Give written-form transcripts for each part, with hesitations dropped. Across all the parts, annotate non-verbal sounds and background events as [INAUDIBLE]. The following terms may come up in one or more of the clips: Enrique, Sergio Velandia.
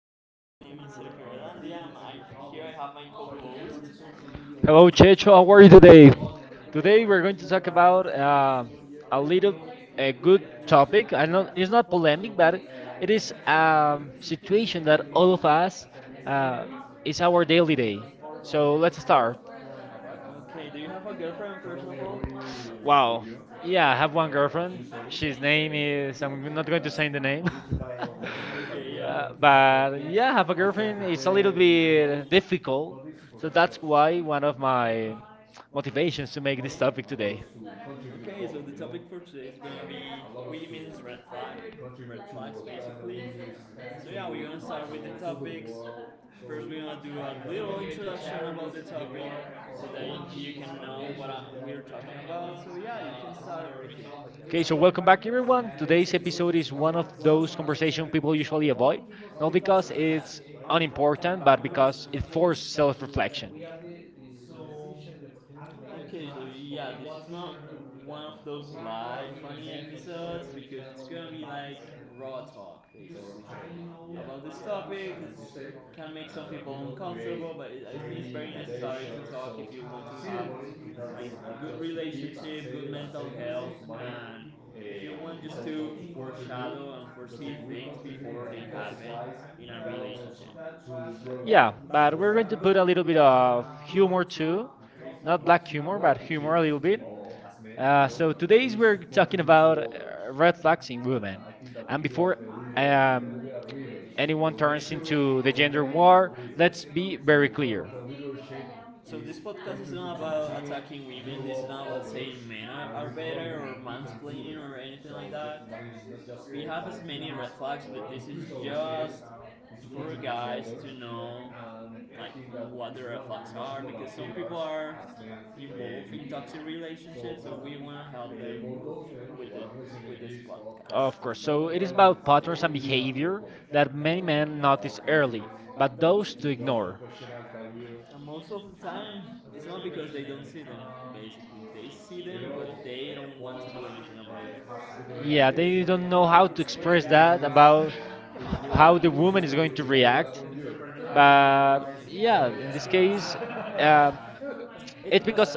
today. My name is Sergio Velandia. Here I have my co-host. Hello, Checho. How are you today? Today we're going to talk about a little a good topic. I know it's not polemic, but it is a situation that all of us uh, is our daily day. So let's start. Okay, do you have a girlfriend first of all? Wow. Wow. Yeah, I [LAUGHS] have one girlfriend. She's name is I'm not going to Okay, say the name. [LAUGHS] Uh, yeah. but yeah, have a girlfriend. It's a little bit Difficult. difficult. So that's why one of my motivations to make this This topic topic today. today. Okay, so the topic for today is gonna be women's red flags basically. So yeah, we're gonna start with the topics. First, we're gonna do a little introduction about the topic so that you can know what we're talking about. So yeah, you can start right here. Okay, Okay, so so welcome welcome back. back, everyone. Today, Today's food episode is is one one of of those those conversation conversation people people usually usually avoid, avoid, not not because because it's it's unimportant, unimportant, but but because because it it forces forces self-reflection. self-reflection. So. Okay, so yeah, this is not one of those light funny episodes because it's gonna be like raw talk basically about this topic that can make some people uncomfortable, but I think it's very necessary to talk if you want to have like a good relationship, good mental health, and if you want just to foreshadow and foresee things before they happen in a relationship. Yeah, Yeah, but we're going to good put a little bit of humor humor too. too, Not not black know humor, what are but about the humor a little bit. humoral. Uh, Uh, so so today today's we're we're talking talking about about red red flags flags in in women. women, And and before, before uh, um, anyone anyone turns turns into into the the gender gender war, war, let's let's be be very very clear. clear. So this podcast is not about attacking women. This is not about saying men are, better or mansplaining or anything so like that. We have as many red flags, but this is just for guys to know like what the red flags are because some people are involved in toxic relationships, so we want to help them with the, with this Of podcast. course. So So it it is is about about patterns patterns and and behavior behavior that that many many men men notice notice early, early, but but those those to to ignore. ignore. And most of the time it's not because they don't see them, basically they see them but they don't want to do anything about it. Yeah, Yeah, they they don't don't know how to express. express that about how the woman is going to [LAUGHS] [LAUGHS] [LAUGHS] [LAUGHS] [LAUGHS] [LAUGHS] react. [LAUGHS] [LAUGHS] But yeah, in this case, Yeah. [LAUGHS] uh, It's it's because because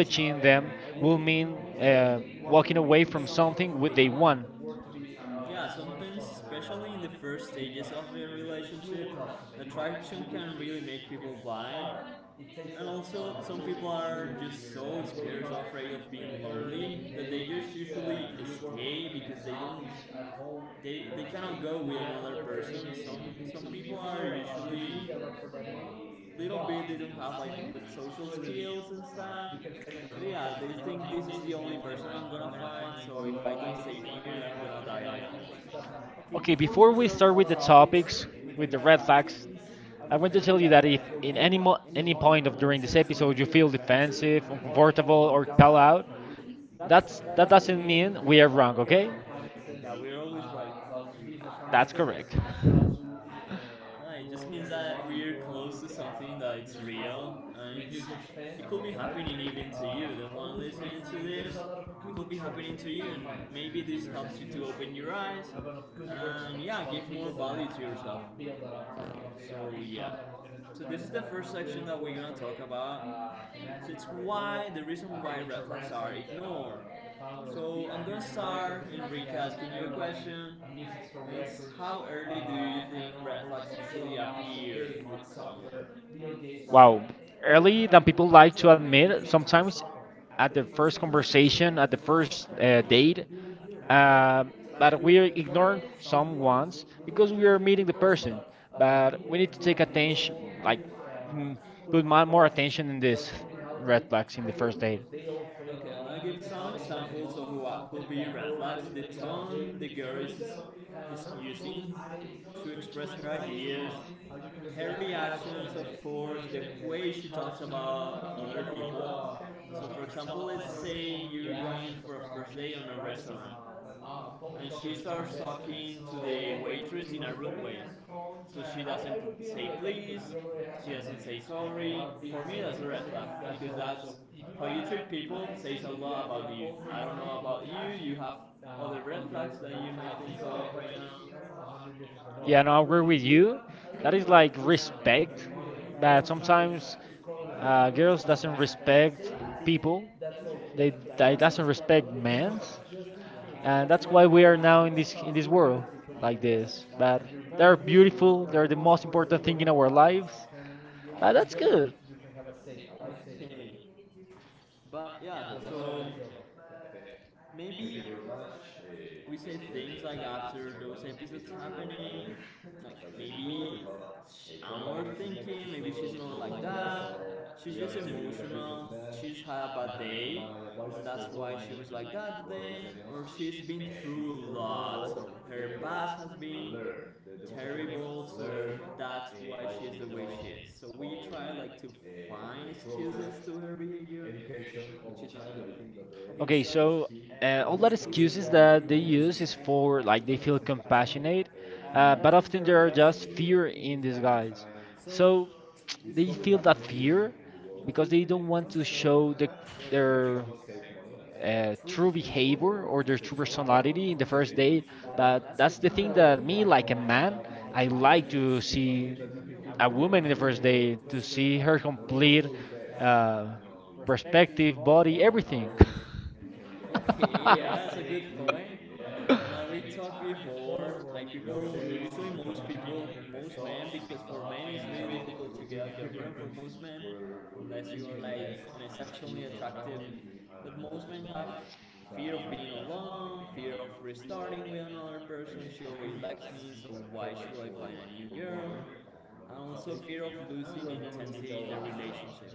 she them and will mean women walking walking away from from some. something what they want. Yeah, sometimes, especially in the first stages of the relationship, attraction can really make people blind. And also, some people are just so scared or afraid of being lonely that they just usually stay because they don't, they cannot go with another person. Some people are usually little bit, they don't have like good social skills and stuff. So yeah, they think this is the only person I'm gonna find. So if I don't stay here, I'm gonna die alone, basically. Okay, Okay, before before we we start start with the with the topics, topics, with with the the red red flags, flags, I I want want to to tell tell you you that if in any point of during this episode you feel defensive, that. uncomfortable, or call out, That's that's that that doesn't doesn't mean mean we. we are wrong. Okay, Yeah, we're always right. that's correct. No, it just means that we're close to something that it's real, and it could be happening even to you. The one listening to this, it could be happening to you, and maybe this helps you to open your eyes and, yeah, give more value to yourself. So yeah. So this is the first section that we're gonna talk about. So it's why, the reason why red flags are ignored. So I'm gonna start, Enrique, asking you a question. It's how early do you think red flags usually appear with someone? Wow, Early early than people like To to admit admit. sometimes Sometimes at at the the first first conversation. conversation, at the first date, uh, but uh, we ignore some some ones because we are meeting the like. person. But we need to take attention, like mm, Sure. Uh, more attention in this red flags in the first date. Okay, and I give some examples of what could be red flags: the tone the girl is using to express her ideas, her reactions, of course, the way she talks about other people. So, for example, let's say you're going for a first date on a restaurant and she starts talking to the waitress in a rude way. So she doesn't say please, she doesn't say sorry. For me, that's a red flag because that's how you treat people says a lot about you. I don't know about you. You have other red flags that you might think of right now. Yeah, no, I agree with Yeah, you. no, I That think is like like respect, respect, but and sometimes it's called girls girls doesn't doesn't respect respect people. people. That's all. They, That's okay. That they doesn't doesn't respect respect women. men, Just in case. Yeah, and and that's that's why why we we are are now now in in this, this in this this world. Like world like this. But that, they are they're beautiful, beautiful. they are They're the the most most important important thing thing in in our our lives. lives. But that's good. You can have a safe, a life safe. Okay, but yeah, so maybe. We say things like after those episodes happening, like maybe I'm overthinking. Maybe she's not like that. She's just emotional. She's had a bad day. And that's why she was like that today. Or she's been through a lot. So her past has been terrible. So that's why she's the way she is. So we try like to find excuses to her behavior, which is not good. Okay, Okay, so so key uh, all that excuses excuses that that they use is is for like they feel compassionate, uh, but often there are just fear. fear in disguise. So So [TSK] you, it's they probably feel that what that is fear, fear because they because they don't don't want to want to show what- show the, the, The their the next their one is save money, and true true behavior behavior or or their their true, said, yeah, true personality, well, personality the in the first first save day. date. That, But that's that's the the thing thing that that me, me, like a like a man, man, I I month like like to to see. So see a a woman woman your the in the first first day to see date to profession, see her her complete, complete uh, uh, perspective, perspective, body, body, everything. everything. Okay, yeah, that's a good point. Yeah. Like we talked before, like people, usually most people, most men, because for men it's really difficult to get a girlfriend for most men, [LAUGHS] unless you are like an exceptionally attractive. But most men have fear of being alone, fear of restarting with another person. She already likes me, so why should I find a new girl? And also fear of losing intensity in the relationship.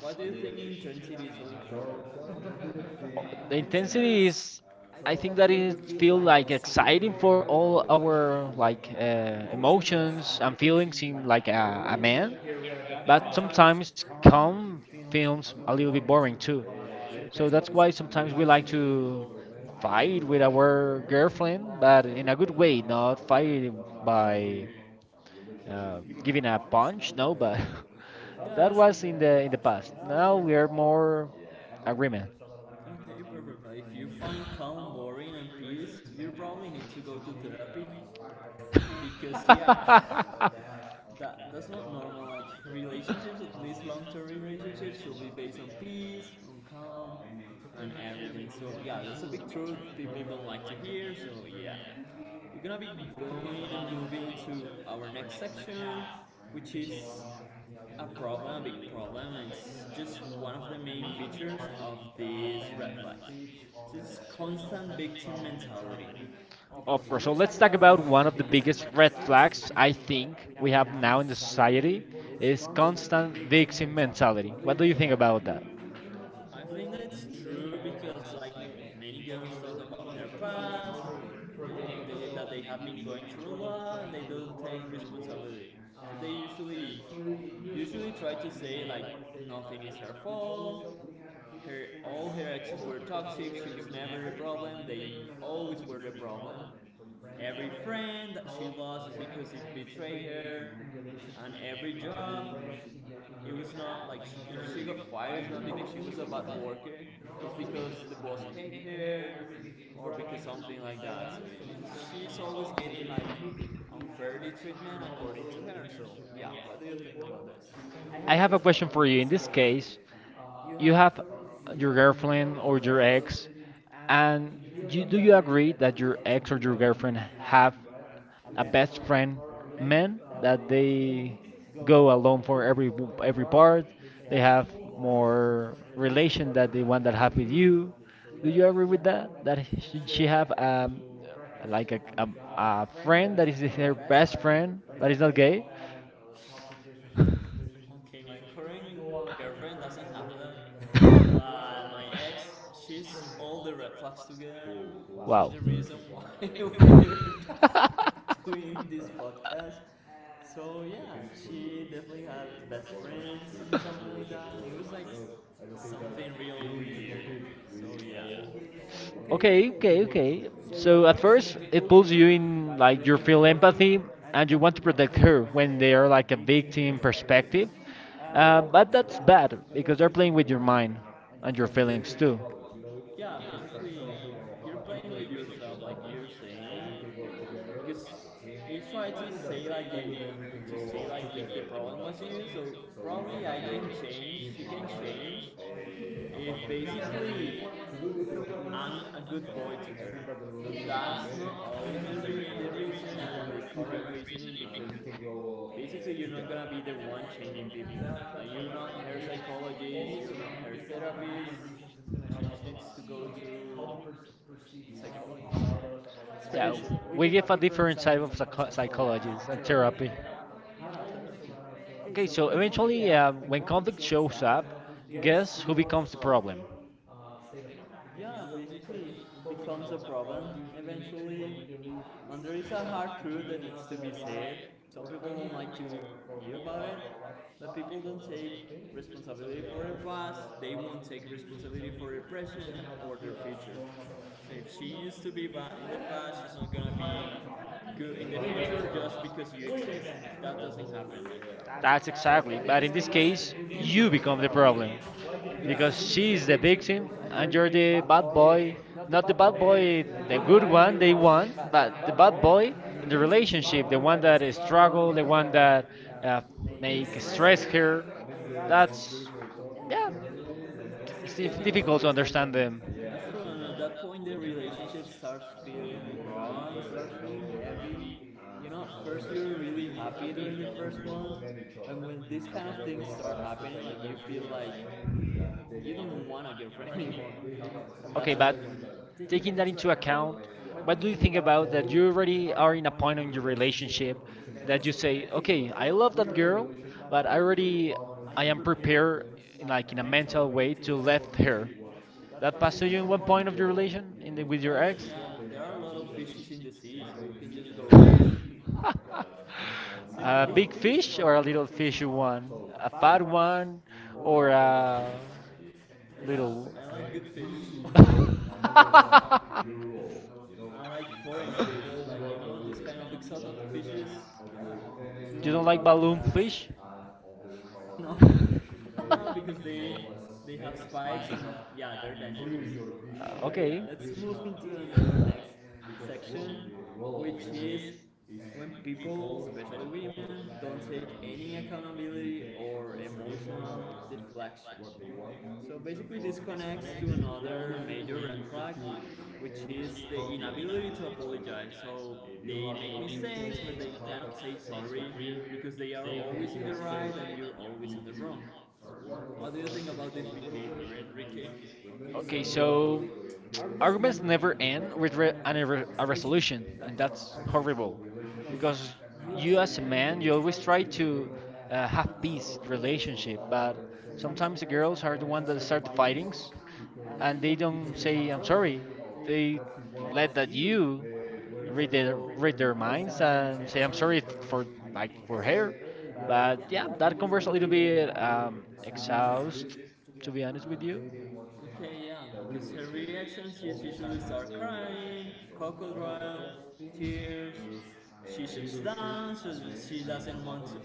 Why do you think intensity is so important? [LAUGHS] The Intensity intensity is, is, I I think think that that it is it still feel like exciting for for all all our our like emotions emotions and and feelings in like a feelings. man, Here we have the but sometimes calm calm films a films little a bit little bit boring too. boring too. So that's, So that's sometimes why we sometimes like we like to fight with fight our with word our girlfriend, but that in a good way, not fight by by giving up, giving a no, punch. but No, but help [LAUGHS] that us in was in the, you the past. know, Now we are more Yeah. agreement. Okay, perfect. But if you find calm boring and peace, you probably need to go to therapy [LAUGHS] because yeah, [LAUGHS] that's not normal. Like relationships, at least long-term relationships, should be based on peace, on calm, and everything. So yeah, that's a big truth people don't like to hear. So yeah. We're gonna be going and moving to our next section, which is a problem, a big problem, and it's just one of the main features of these red flags. So it's constant victim mentality. Of course. So let's talk about one of the Because biggest red red flags, flags I I think think we have we have now in the society society is is constant constant fixing victim mentality. mentality. What do you What do you think think about about it? that? I think that's true because like many girls talk about their past, that they have been going through a lot, and they don't take responsibility. So they usually try to say like nothing is her fault. Her, all her exes were toxic. She was never the problem. They always were the problem. Every friend that she lost is because it betrayed her. And every job, it was not like if she got fired, it's not because she was a bad worker. It's because the boss hate her, or because something like that. So she's always getting like unfairly treatment according to her. So yeah, what do you think about this? I I have. A, have a question for you. In this case, you you have have your your girlfriend or your ex, very, and you, and do you you agree that your ex or your girlfriend have have a a best best friend friend. Men men that they that go go up, alone for every part. they They have have more more relation. relation that the one that have with you. Do you Yeah. agree with that? That should She she had have to like a practice guy a friend that is her best friend that is not gay? about in a tough situation from constitution. Okay, my current girlfriend doesn't have that, [LAUGHS] but my ex, she's all the red flags together. She's Wow. the reason why [LAUGHS] we [LAUGHS] are doing this podcast. So yeah, she definitely had best friends and something like that. It was like something real weird. So yeah. Okay, Okay, okay, okay. So so at first, it pulls you in, like you like, you feel feel empathy empathy and you and you want want for to them protect hurt her when when they're they are like like a a big team victim perspective. perspective. But But that's that's bad bad because you're because they're playing playing with your with your mind mind and your and your feelings feelings. too. From others. Yeah, basically, you're playing with yourself, like you're saying. Because you try to say like the to see like if the problem was you, so probably I can change, she can change. If basically I'm a good boy to her, that's not always the reason, the correct reasoning, because basically you're not gonna be the one changing people. Like you're not hair psychologist, you're not hair therapist. She just needs to go to psychologist. [LAUGHS] It's very Yeah, simple. We we give a give a different different side of type of psychology, psychology like and therapy. therapy. Yeah, therapy. Okay, Okay, so so eventually, eventually, when when COVID conflict shows gonna up, help us be Gas guess who becomes becomes the problem. problem? uh, state of mind. Yeah, basically it becomes a problem eventually. And there is a hard truth that needs to be said. Right. Some people don't like to hear about it, but people don't take responsibility for their past, they won't take responsibility for their present or their future. So if she used to be bad in the past, she's not gonna be good in the future just because you exist. That doesn't happen. Like That's That's exactly. exactly. But in But in this this case, case, you you become the become the problem. problem because Because she's the she's the victim victim, and you're and you're the the bad bad boy. boy. Not the Not the bad bad boy, boy, the good the good one, they one they want, want, but the but the bad bad boy, boy the in the relationship, the relationship, the one one that that struggles, struggle, the the one one that. that Yeah. uh, I make stress stress here. her. It's most That's beautiful topics yeah. for me. It's you know. Yeah, difficult to understand understand them. them. Yeah. That's true, and at that point the relationship starts feeling wrong, starts feeling heavy. You know, first you're really happy during the first month, and when these kind of things start happening, like you feel like you don't want a girlfriend [LAUGHS] anymore. And that's Okay, the but point. Taking that taking that into into account, account, what do what you do you think think about about your that you already are in a point in your relationship? relationship that you say, I okay, I love, love that girl, you," but I, but I I am am prepared in Nike. like in a mental way to That left her. with That passed to you in 1 point of your relation in your. the, I with your mean, ex? yeah, there are a lot of fishes in the sea, so you can just go. [LAUGHS] A [LAUGHS] Simple. big fish Sure. or a little fishy one? A fat one Or or I a little like good fish. [LAUGHS] [LAUGHS] I like foreign fish, like you know, this kind of exotic fishes. You You don't don't like like own balloon fish? fish? No. No, because they have spikes and yeah, they're dangerous. [LAUGHS] But yeah, Okay. let's move into another next [LAUGHS] section, which is when people, especially women, don't take any accountability or emotional deflection. So basically, this connects to another major red flag, which is the inability to apologize. So they make mistakes, but they cannot say sorry because they are always in the right and you're always in the wrong. What do you think about this behavior, Enrique? Okay, so Okay, so leader, okay? Our lists, so arguments never end never keep end with with re an, a that a re- a resolution. resolution, Okay, and that's possible. A that's terrible. horrible because You as you, a as a man, you man, you always try always to, try to have have peace in peace lot relationship. relationship, but Sometimes the sometimes the girls are girls the are the ones one that that start of start the fighting, fightings, and they and they don't say don't I'm say I'm sorry. sorry. They They let let that that you you read their, read read their their minds minds and say and I'm say I'm sorry the sorry for for person my like equal for her. hey. But But yeah, yeah, that that conversation converse a and will little be and bit exhaust, to be to be honest with honest you. with and you. They don't want to. Okay, yeah, have because her reactions all is usually start crying, relation. So crocodile, tears. She shuts down, so she doesn't want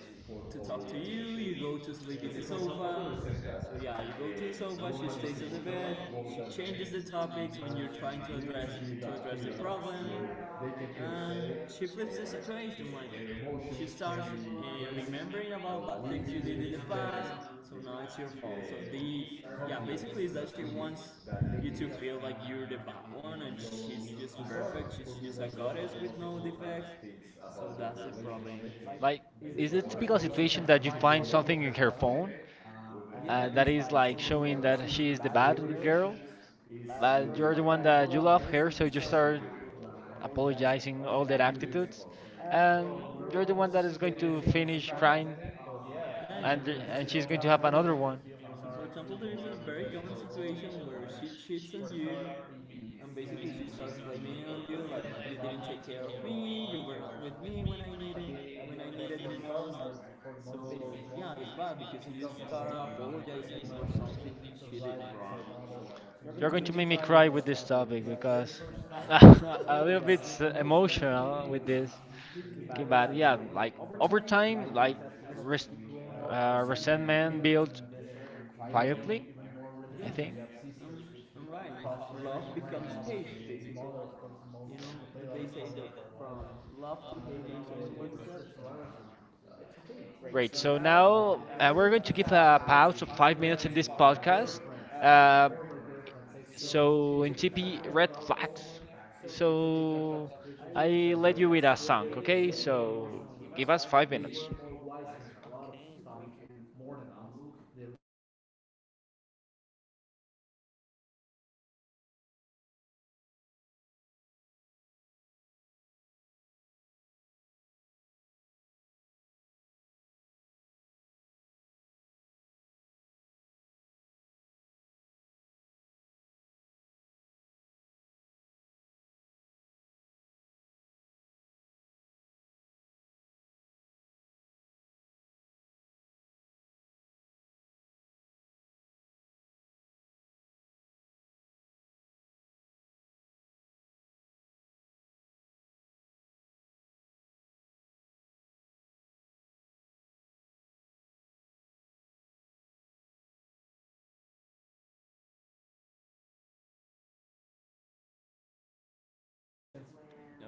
to talk to you, you go to sleep in the Yes, sofa. So yeah, you go to the sofa, she stays on the bed, she changes the topics when you're trying to address the problem. So and she flips the situation, like she starts remembering about bad things you did in the past, so now it's your fault. So the yeah, basically is that she wants you to feel like you're the bad one and she's just perfect. She's just a goddess with no defects. So that's the problem. Like, Like, is it is the some typical presentation situation that you that you find find something something in her phone and Yeah, that that is is like like showing that showing she that is she the is the bad So girl, bad girl, relationships is but you but really the you're the one one that you that you love, love you. her, so It's you start apologizing all that all their do attitudes, attitudes, and and well, you're we're the you're one the that one is almost that going is going getting to to the finish destruct crying, yeah. Yeah, and and she's going she's to going have to have an, another one. so for example, there is a very common situation where she cheats on you, and basically she starts blaming it on you, like you didn't take care of me, you were not with me when I needed the most. So yeah, it's bad because you start apologizing for something she did wrong. So you're going You're to going make to me make me cry with cry this with this topic topic because because [LAUGHS] a a little bit little bit [LAUGHS] emotional, emotional with this. [LAUGHS] Okay, but but yeah, yeah, like like over over time, like time, like res- resentment resentment built built. quietly. Quietly, I think. Yeah, I'm, right. Love becomes hate, basically. You know, they say that from love to hate there is step. It's okay. Great. Great. So now we're going to give a pause of 5 minutes in this podcast. Um so So, in TP Red Flags. so So I I led you let with a us. song, okay? So Give give us us five 5 minutes. minutes. Okay. More wise. A lot of stuff more than us. They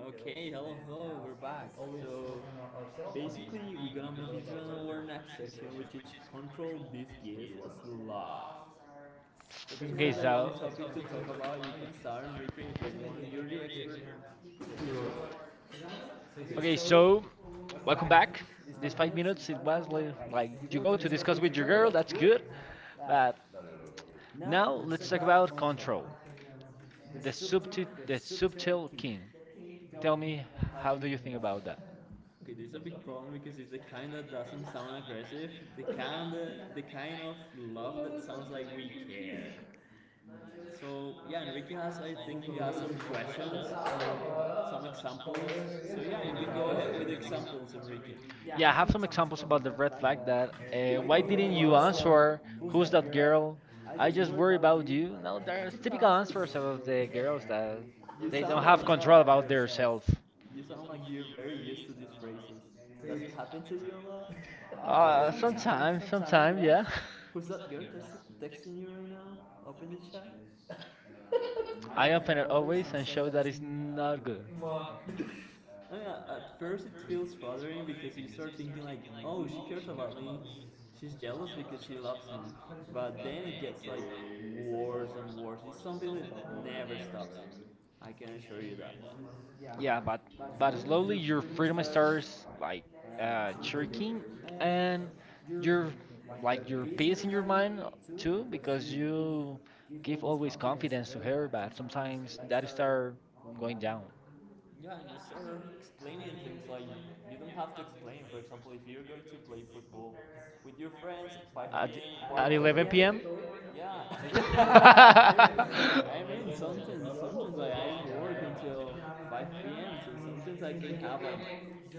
Okay, hello, hello, we're back. So basically, we're gonna move into our next section, which is control these gears sloth. So this one Okay, is a so long topic to talk about. You can start, Enrique, if you- are the expert. okay, So, so welcome back. this These five five minutes minutes it was was more like like you go you to go to discuss with discuss your with your girl, girl, that's that's good, good. but But now now let's talk about control. the The super, subtil, the the super. subtle king. Tell Tell me, me, how do how you do you think think about about that? that? Okay, there's a big problem because it's the kind that doesn't sound aggressive. The kind that, the kind of love that sounds like we care. So yeah, Enrique has I think he has some questions, some examples. Yeah, Have I some have some examples examples about the about the red red flag flag that that you why didn't you ask or answer? Who's that girl? girl? I I just just worry worry about. about you. No, there's typical answers of the girls that You they don't sound like have control about themselves. Self. it happened to you a lot. Uh, sometimes, Yeah, yeah. who's that girl texting you right now? I [LAUGHS] I open open it it always and show that always. it's not good. At first it feels flattering because thinking like she cares, she's jealous because she loves me, but then it gets like worse and worse, it's something that never stops, I can assure you that. Yeah, Yeah, but but slowly slowly your your freedom freedom starts starts like shrinking, shrinking and and you're your like like your peace in peace your in your mind mind too, too because because you you give give always always confidence to confidence to her. her But but sometimes sometimes that that start start going going down. down. Yeah, and you start explaining things like you don't have to explain. For example, if you're going to play football with your friends, 5 At, p.m., at what- 11 p.m. 11 p.m. Sí, Yeah. [LAUGHS] I [LAUGHS] mean, sometimes, sometimes like I work until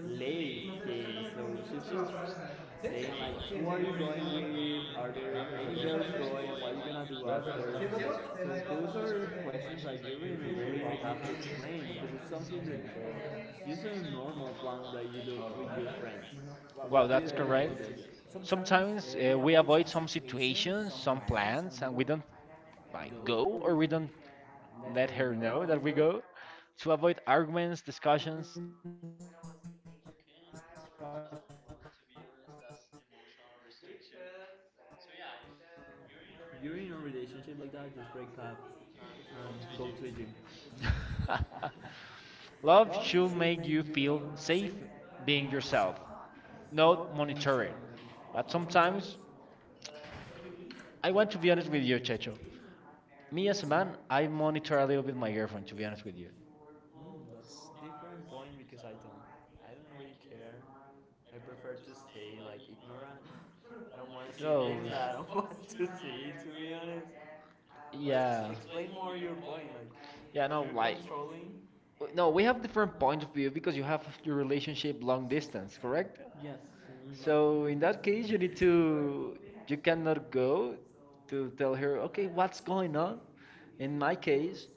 late, saying like, there do after? You explain. Just a normal plan that you do with Wow, What do that's think about correct. this? Sometimes Sometimes we we avoid avoid some some situations, situations, some some plans, plans and we and we don't don't like go go or or we we don't don't let let her her know know that that we we go go to to avoid arguments, arguments, discussions. discussions. Okay, that's true. That's not love, to be honest. That's emotional restriction. So yeah, if you're in a relationship like that, just break up and go to a gym. [LAUGHS] Love should Should make make you you feel feel safe, safe being being yourself, not not monitoring. monitoring. But Sometimes, sometimes I I be want honest to be honest with you, Checho. with Me you, as a man, I monitor a already little bit looking at my my girlfriend, girlfriend, to to be be honest honest with with you. you. Mm, that's different point because I don't. I don't really care. I prefer to stay like ignorant. [LAUGHS] I don't want to see No, Oh, things that I don't [LAUGHS] want to see. To be honest, but Yeah. yeah, Explain more your point. Like yeah, no, like, controlling. no, No, we we have have different different point points of of view view because because you you have have your your relationship relationship long long distance, distance, correct? correct? Yes. Mm, so So in in that that case, case, you you need need to to, you you cannot cannot go go to to tell tell her, her, okay, okay, what's what's going going on? on? In my case,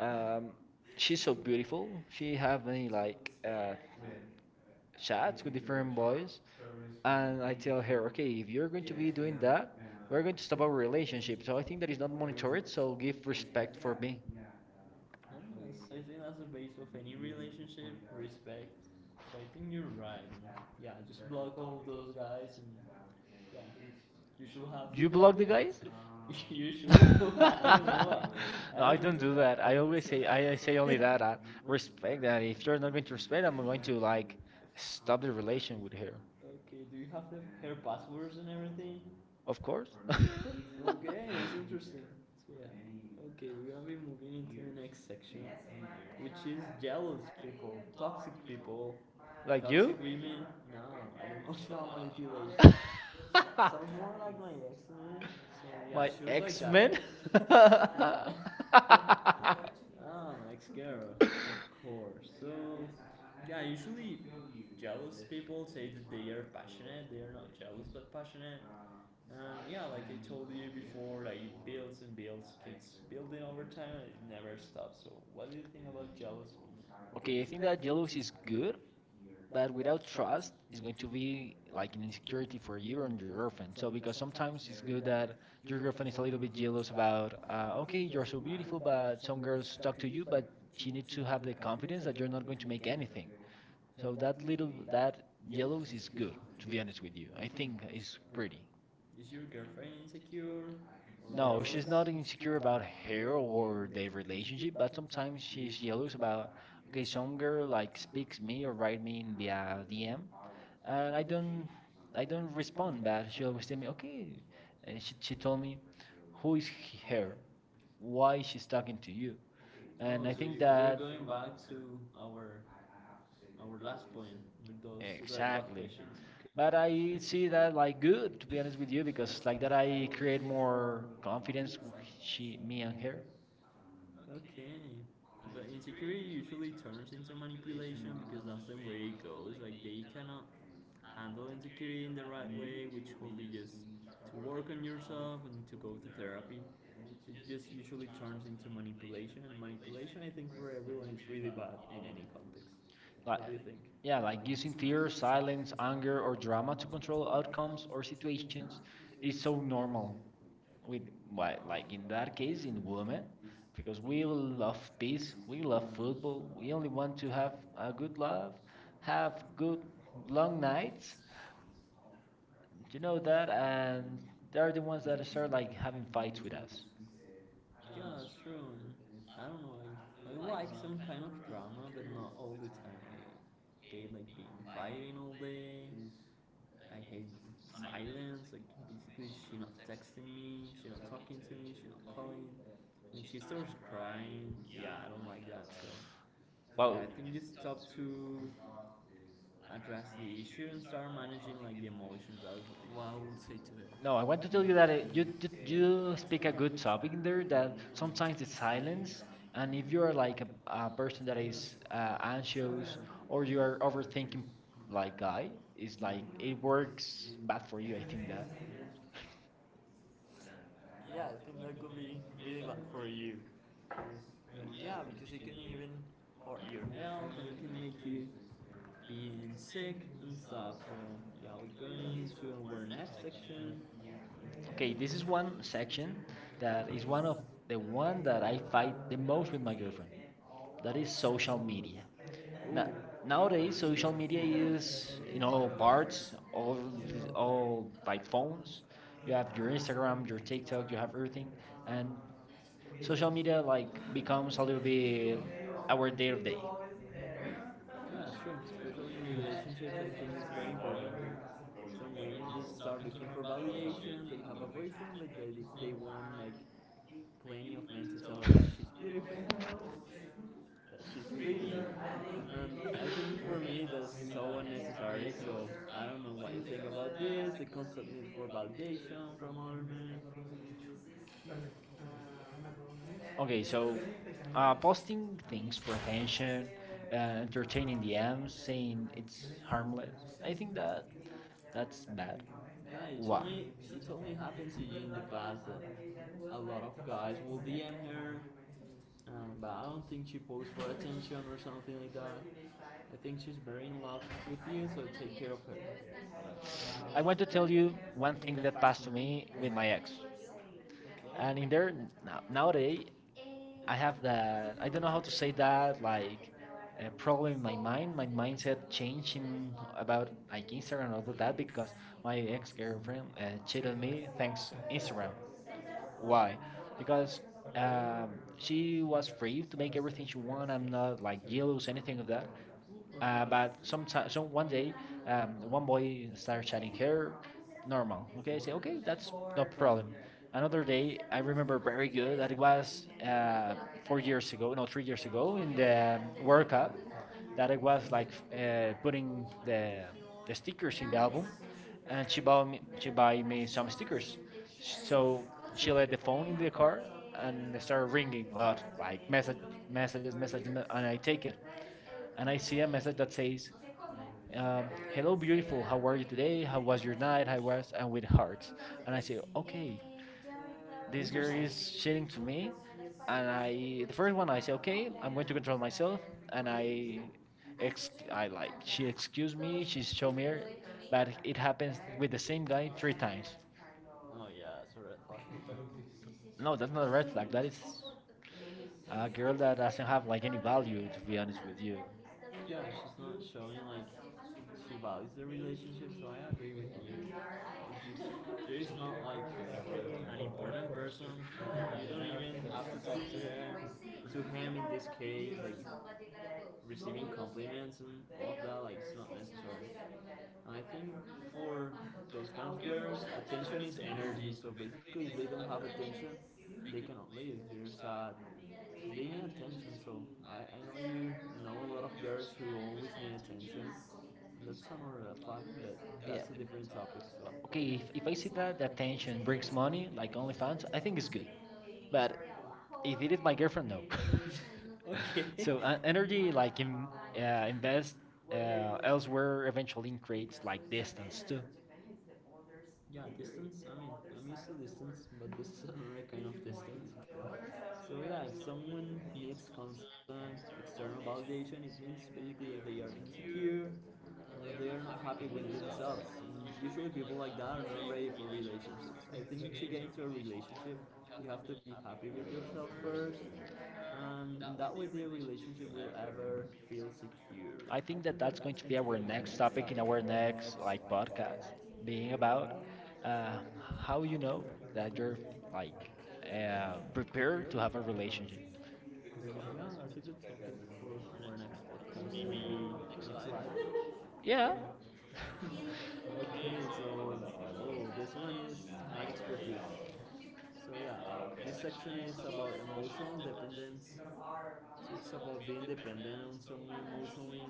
um, she's so beautiful. She have many And like chats with different boys, and I tell her, okay, if you're going to be doing that, we're going to stop our relationship. So I think that is not monitored. So give respect for me. I think that's a basic spec. So I think you're right. Those guys and you have You You block the guys? you issue. [LAUGHS] [LAUGHS] I [LAUGHS] No, I don't don't do that. I always say I say think only that that I [LAUGHS] respect that. If you're not going to respect, I'm going to like stop the relation with her. Okay, do you have person everything? Of course. [LAUGHS] So, yeah. Okay, we're gonna be moving into the next section, yes, which is jealous people, toxic people, like Like toxic you? you? Women, no, and emotional manipulation. [LAUGHS] [LAUGHS] Sounds more like my ex, man. So yeah, My she was like that. [LAUGHS] [LAUGHS] X-Men? X-Men? Yeah, my, [LAUGHS] [LAUGHS] ah, my ex-girl, of course. They are not jealous but passionate. Told you before, like it builds and builds, keeps building over time, and it never stops. So, what do you think about jealous women? Okay, Okay, I I think think that that jealousy is is good, good, but but without it's trust, it's going going to to be be like like an insecurity insecurity for for you you and and your your girlfriend. girlfriend. So because Sometimes sometimes it's good that you're your girlfriend is a little bit jealous about, like, okay, you're so so beautiful, beautiful, but but some girls talk to you, but she needs it's to have the confidence that you're not going going to to make make anything. anything. So So that little I that yes good, jealous is good, to to be be honest honest with with you. you. I I think think it's it's pretty. pretty. Is your girlfriend insecure or No, No, jealous? she's She's not not insecure insecure about about her her or the. or their relationship, but Sometimes sometimes she's she's yeah, jealous about, okay, some girl like speaks speaks me me or or write write me me in in the via DM. DM, And and I I don't don't respond respond, back. but I she always say, tell me, okay, okay, I and should she change told me, who who is her? Why is she's talking talking to to you. you? Oh, And and I so you, think we're that going back to our last point with those red flag. Exactly. Right back exactly. questions. Okay. But But I I [LAUGHS] see see that that to like good to be be honest honest with with you you because because like like that that I I create create more more confidence confidence with with she, she, me, me, and and her. her. Okay. But insecurity usually turns into manipulation because that's the way it goes. Like they cannot handle insecurity in the right way, which will be just work on yourself and to go to therapy. So it just usually turns into manipulation, and manipulation, I think, everyone is really bad. Like, What do you think? yeah, Yeah, like like using fear, silence, anger, or drama to control outcomes comes or or she situations is so normal with white like in that case in women. women because we People love love peace, peace. we love football, we We only want want to to have a good love love, have good good long long nights, nights. you know Just that, and they're the ones that start like like having having fights with us. That's true. Don't know. I kind of hate like being all day, silence, like texting me. She, Well, shouldn't. She doesn't say to her. No, I No. want to I tell you that you speak a good good topic in talking there. there. That sometimes Sometimes it's it's silence, silent. and if If you are you're like like a a person that is anxious or you are overthinking, like guy, guy, it's it's like it works not bad bad for for you. I you. think that. Yeah, I think that could be really bad for you because it can even hurt you. Being sick and stuff. So yeah, we're going to our next section. Okay, this This is is one one section section that that is is one one, of the the one one that that I I fight fight the most most with with my my girlfriend. girlfriend. That That is is social social media. media. Na- Nowadays, Nowadays, social media is in all all cards, parts, all all, all all by like phones, phones. You have your Instagram, your TikTok, TikTok, you you have have everything. everything, And and social media media like like becomes becomes a a little little bit bit our our day of daily. day. Yeah, that's true. Especially in relationships, I some women just start looking for validation. They have a boyfriend, but they want like plenty of men to tell her that she's beautiful, that she's pretty. I don't know about this. They constantly look for validation from other. Okay, Okay, so so posting things things for for attention, friendship and entertaining entertaining yeah, app, DMs, saying saying it's it's harmless. I think that that's that's bad. Wow. happened to you in the past. A lot of guys will DM her. But I don't think she posed for attention or something like that. I think she's very in love with you, so take care of her. I I want want to to tell tell you you what one thing that passed happened to to me me with with my my ex. ex. Okay, And in there, nowadays, nowadays, I, I have that, I I don't don't know know how how to to say say that, goodbye. like, a And problem probably in my my mind. mind, my My mindset mindset changing changing about about, I like, guess Instagram I and all remember of that that because because my my friend ex-girlfriend cheated cheated on me me thanks thanks to Instagram. Instagram. Why? Why? Because Because she she used was free to to make make everything everything she she want. I'm wanted not, like, jealous, anything anything of that. there. But some sometimes, some some one one day, day, one one boy boy started started chatting shedding hair, her, normal. normal. And Okay, I say okay, like that's that's no no problem. problem. Another Another day, day, I I remember remember a girl very good that it was was 4 years ago, no, three years years ago ago in in the the World workout Cup that that it it was was like like putting putting the, the the stickers stickers in in the the album album, and and she she bought buy me me some some stickers, stickers. so So she she left let the the phone in phone the in the car car and and it it started started ringing ringing a a lot, like like messages messages and and I I take take it it and and I I see see a a message message that that says says um, hello hello beautiful, beautiful, how how are are you you today, today, how how was was your your night, night, how how was, was, and and with with hearts. hearts. And And I I say, say, okay, okay, this this girl is is cheating saying to to me. me. And I I, the first first, one I say, okay, okay, I'm going to control myself. myself. And And I I ex I like, she like, excuse excused me, me, she she showed me her, says, but it happens happens with with the the same guy guy three three times. times. Oh yeah, it's a red flag. [LAUGHS] It's No, that's not a a red red flag, flag. That that is is not like any a girl that doesn't have value, to like be any value, to honest be honest with with you. you. Yeah, she's not showing like she values the relationship, so I agree with you. There is not like an important person, you don't even have to talk to her, to him in this case. Like receiving compliments and all of that, like it's not necessary. I think for those kind of girls, attention is energy. So basically, if they don't have attention, they cannot live. They're sad. They need attention. So I know you know a lot of girls who always need attention. That's another red flag, but Yeah. that's a different topic. So okay, If, if if I they see see that that the attention attention brings brings money, money, like like OnlyFans, I I think think it's it's good. good. But But if if it is my it's different, girlfriend, [LAUGHS] no. [LAUGHS] no. Okay, So so energy, energy, like like in, in, wow, yeah, invest invest. What they're, yeah, doing elsewhere, eventually potential creates increase because like like distance distance too. Japan, too. Japan, is the others. Yeah, distance. I mean, I'm used to distance, but this is another kind of distance. So yeah, if someone needs constant external validation, it means basically that they are insecure and that they are not happy with themselves. And usually people like that are not ready for relationships. I think to get into a relationship, you have to be happy with yourself first, and in that way, the relationship will ever feel secure. I think I that think that's that going to that's be going to our be our next next topic in topic our in our next like next podcast, podcast, being being about about uh, how you how you know know that that you're you're like like uh, prepared to prepared have a to have a relationship. relation. Yeah, that's a good topic for our next podcast, maybe next live. Yeah. [LAUGHS] Okay, so oh, this one is my expertise. So yeah, this section is about emotional dependence. So it's about being dependent on someone emotionally.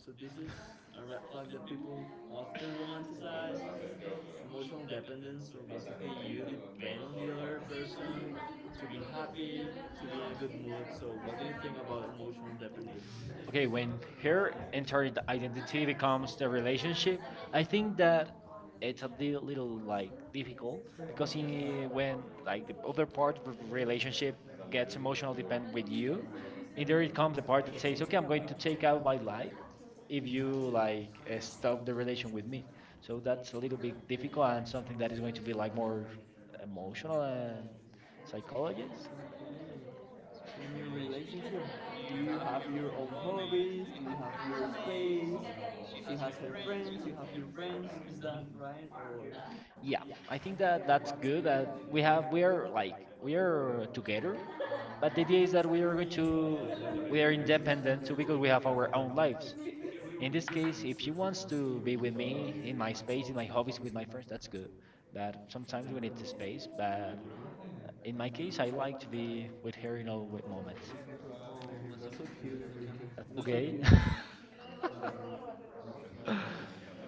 So this is a red flag that people often romanticize. Emotional dependence. So basically, you depend on the other person to be happy, to be in a good mood. So what do you think about emotional dependence? Okay, Okay, when when her her entire entire identity identity becomes the becomes the relationship, relationship, I think that that it's a it's a little, little little like like difficult difficult because because when when like the like the other other part of part the of the relationship relationship gets gets emotional emotionally depend with linked with you, you, in there and it there it comes the comes the part that part that says, says, okay, I'm "Okay, I'm going to going take to out my have my life life if if you you like like stop the stop the relation with relation with me. me." So So that's a that's little a bit little bit difficult difficult and and something that is going to be to be like, like more so emotional and okay. psychologist. So in your relationship, do you have your own hobbies, your space? She has her friends, you have your friends. Is that right? Yeah, Yeah, I think I think that that that's that's good. That good. we have we are We're like like we we're together. are together, but the idea The is that thing is that we're to we are independent too independent because we have our own own lives. lives. In this case, if she wants to be with me in my space, in my With hobbies, with my friends, my that's friends, good. that's good. But But sometimes comes we need the space space. But that in my case, I like like to be with her in with. all moments. That's You're so okay. okay, cute. [LAUGHS] [LAUGHS]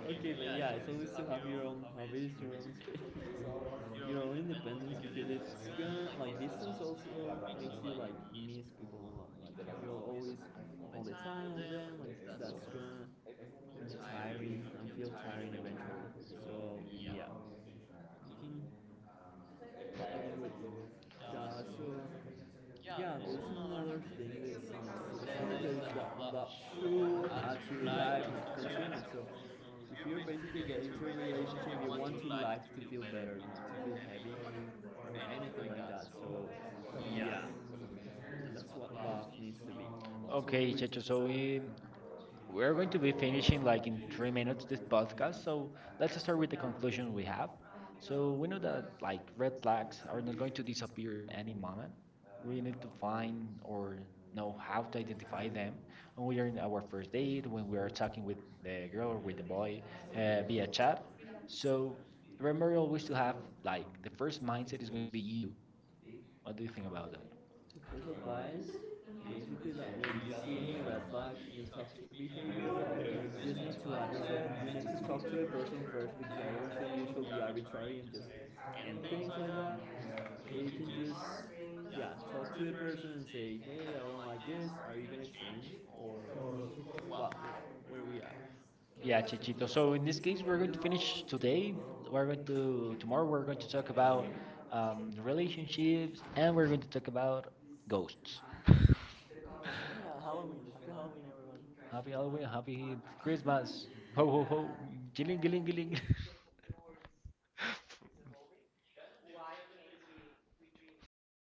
Okay, but you at to have your own hobbies, your own space, your own independent. Miss people a lot, like all the time. Another that, that should add to your life, not consume it. So basically get into your reason to life to feel better, not feel heavy or anything like that. So yeah, that's what love needs to be. So Okay, okay, we, Checho. So We're going to be finishing like in like in, 3 minutes this podcast, so so let's start let's with the we have. conclusion we have. So So we know we that like like red red flags flag are not going to to disappear in disappear in any moment. marijuana We need to find or know how to identify them when we are when in we are in our our first first date, when we are talking with the girl or with the boy, boy via yeah, chat. chat. So So remember always to have like the first first mindset mind is you. going to be you. What do you think about that? First advice, flag, any toxic to person first because it should be arbitrary and just things like that. Yeah, talk to the person and say, hey, I don't like this. Are you gonna change or well, where we are? Yeah, Yeah, Chichito. so, So so in this in this case, case, we're going we're to going to finish finish today. today. We're We're going going to to tomorrow. tomorrow. We're We're going to going to talk talk about about um, relationships. relationships, We're and we're going to going talk to talk about about ghosts. [LAUGHS] okay, yeah, Halloween. Happy Halloween, everyone. Happy Happy Halloween, life, happy happy Christmas. Christmas. Ho ho Oh, give ho, gilling it, gilling give it, gilling. give it. [LAUGHS]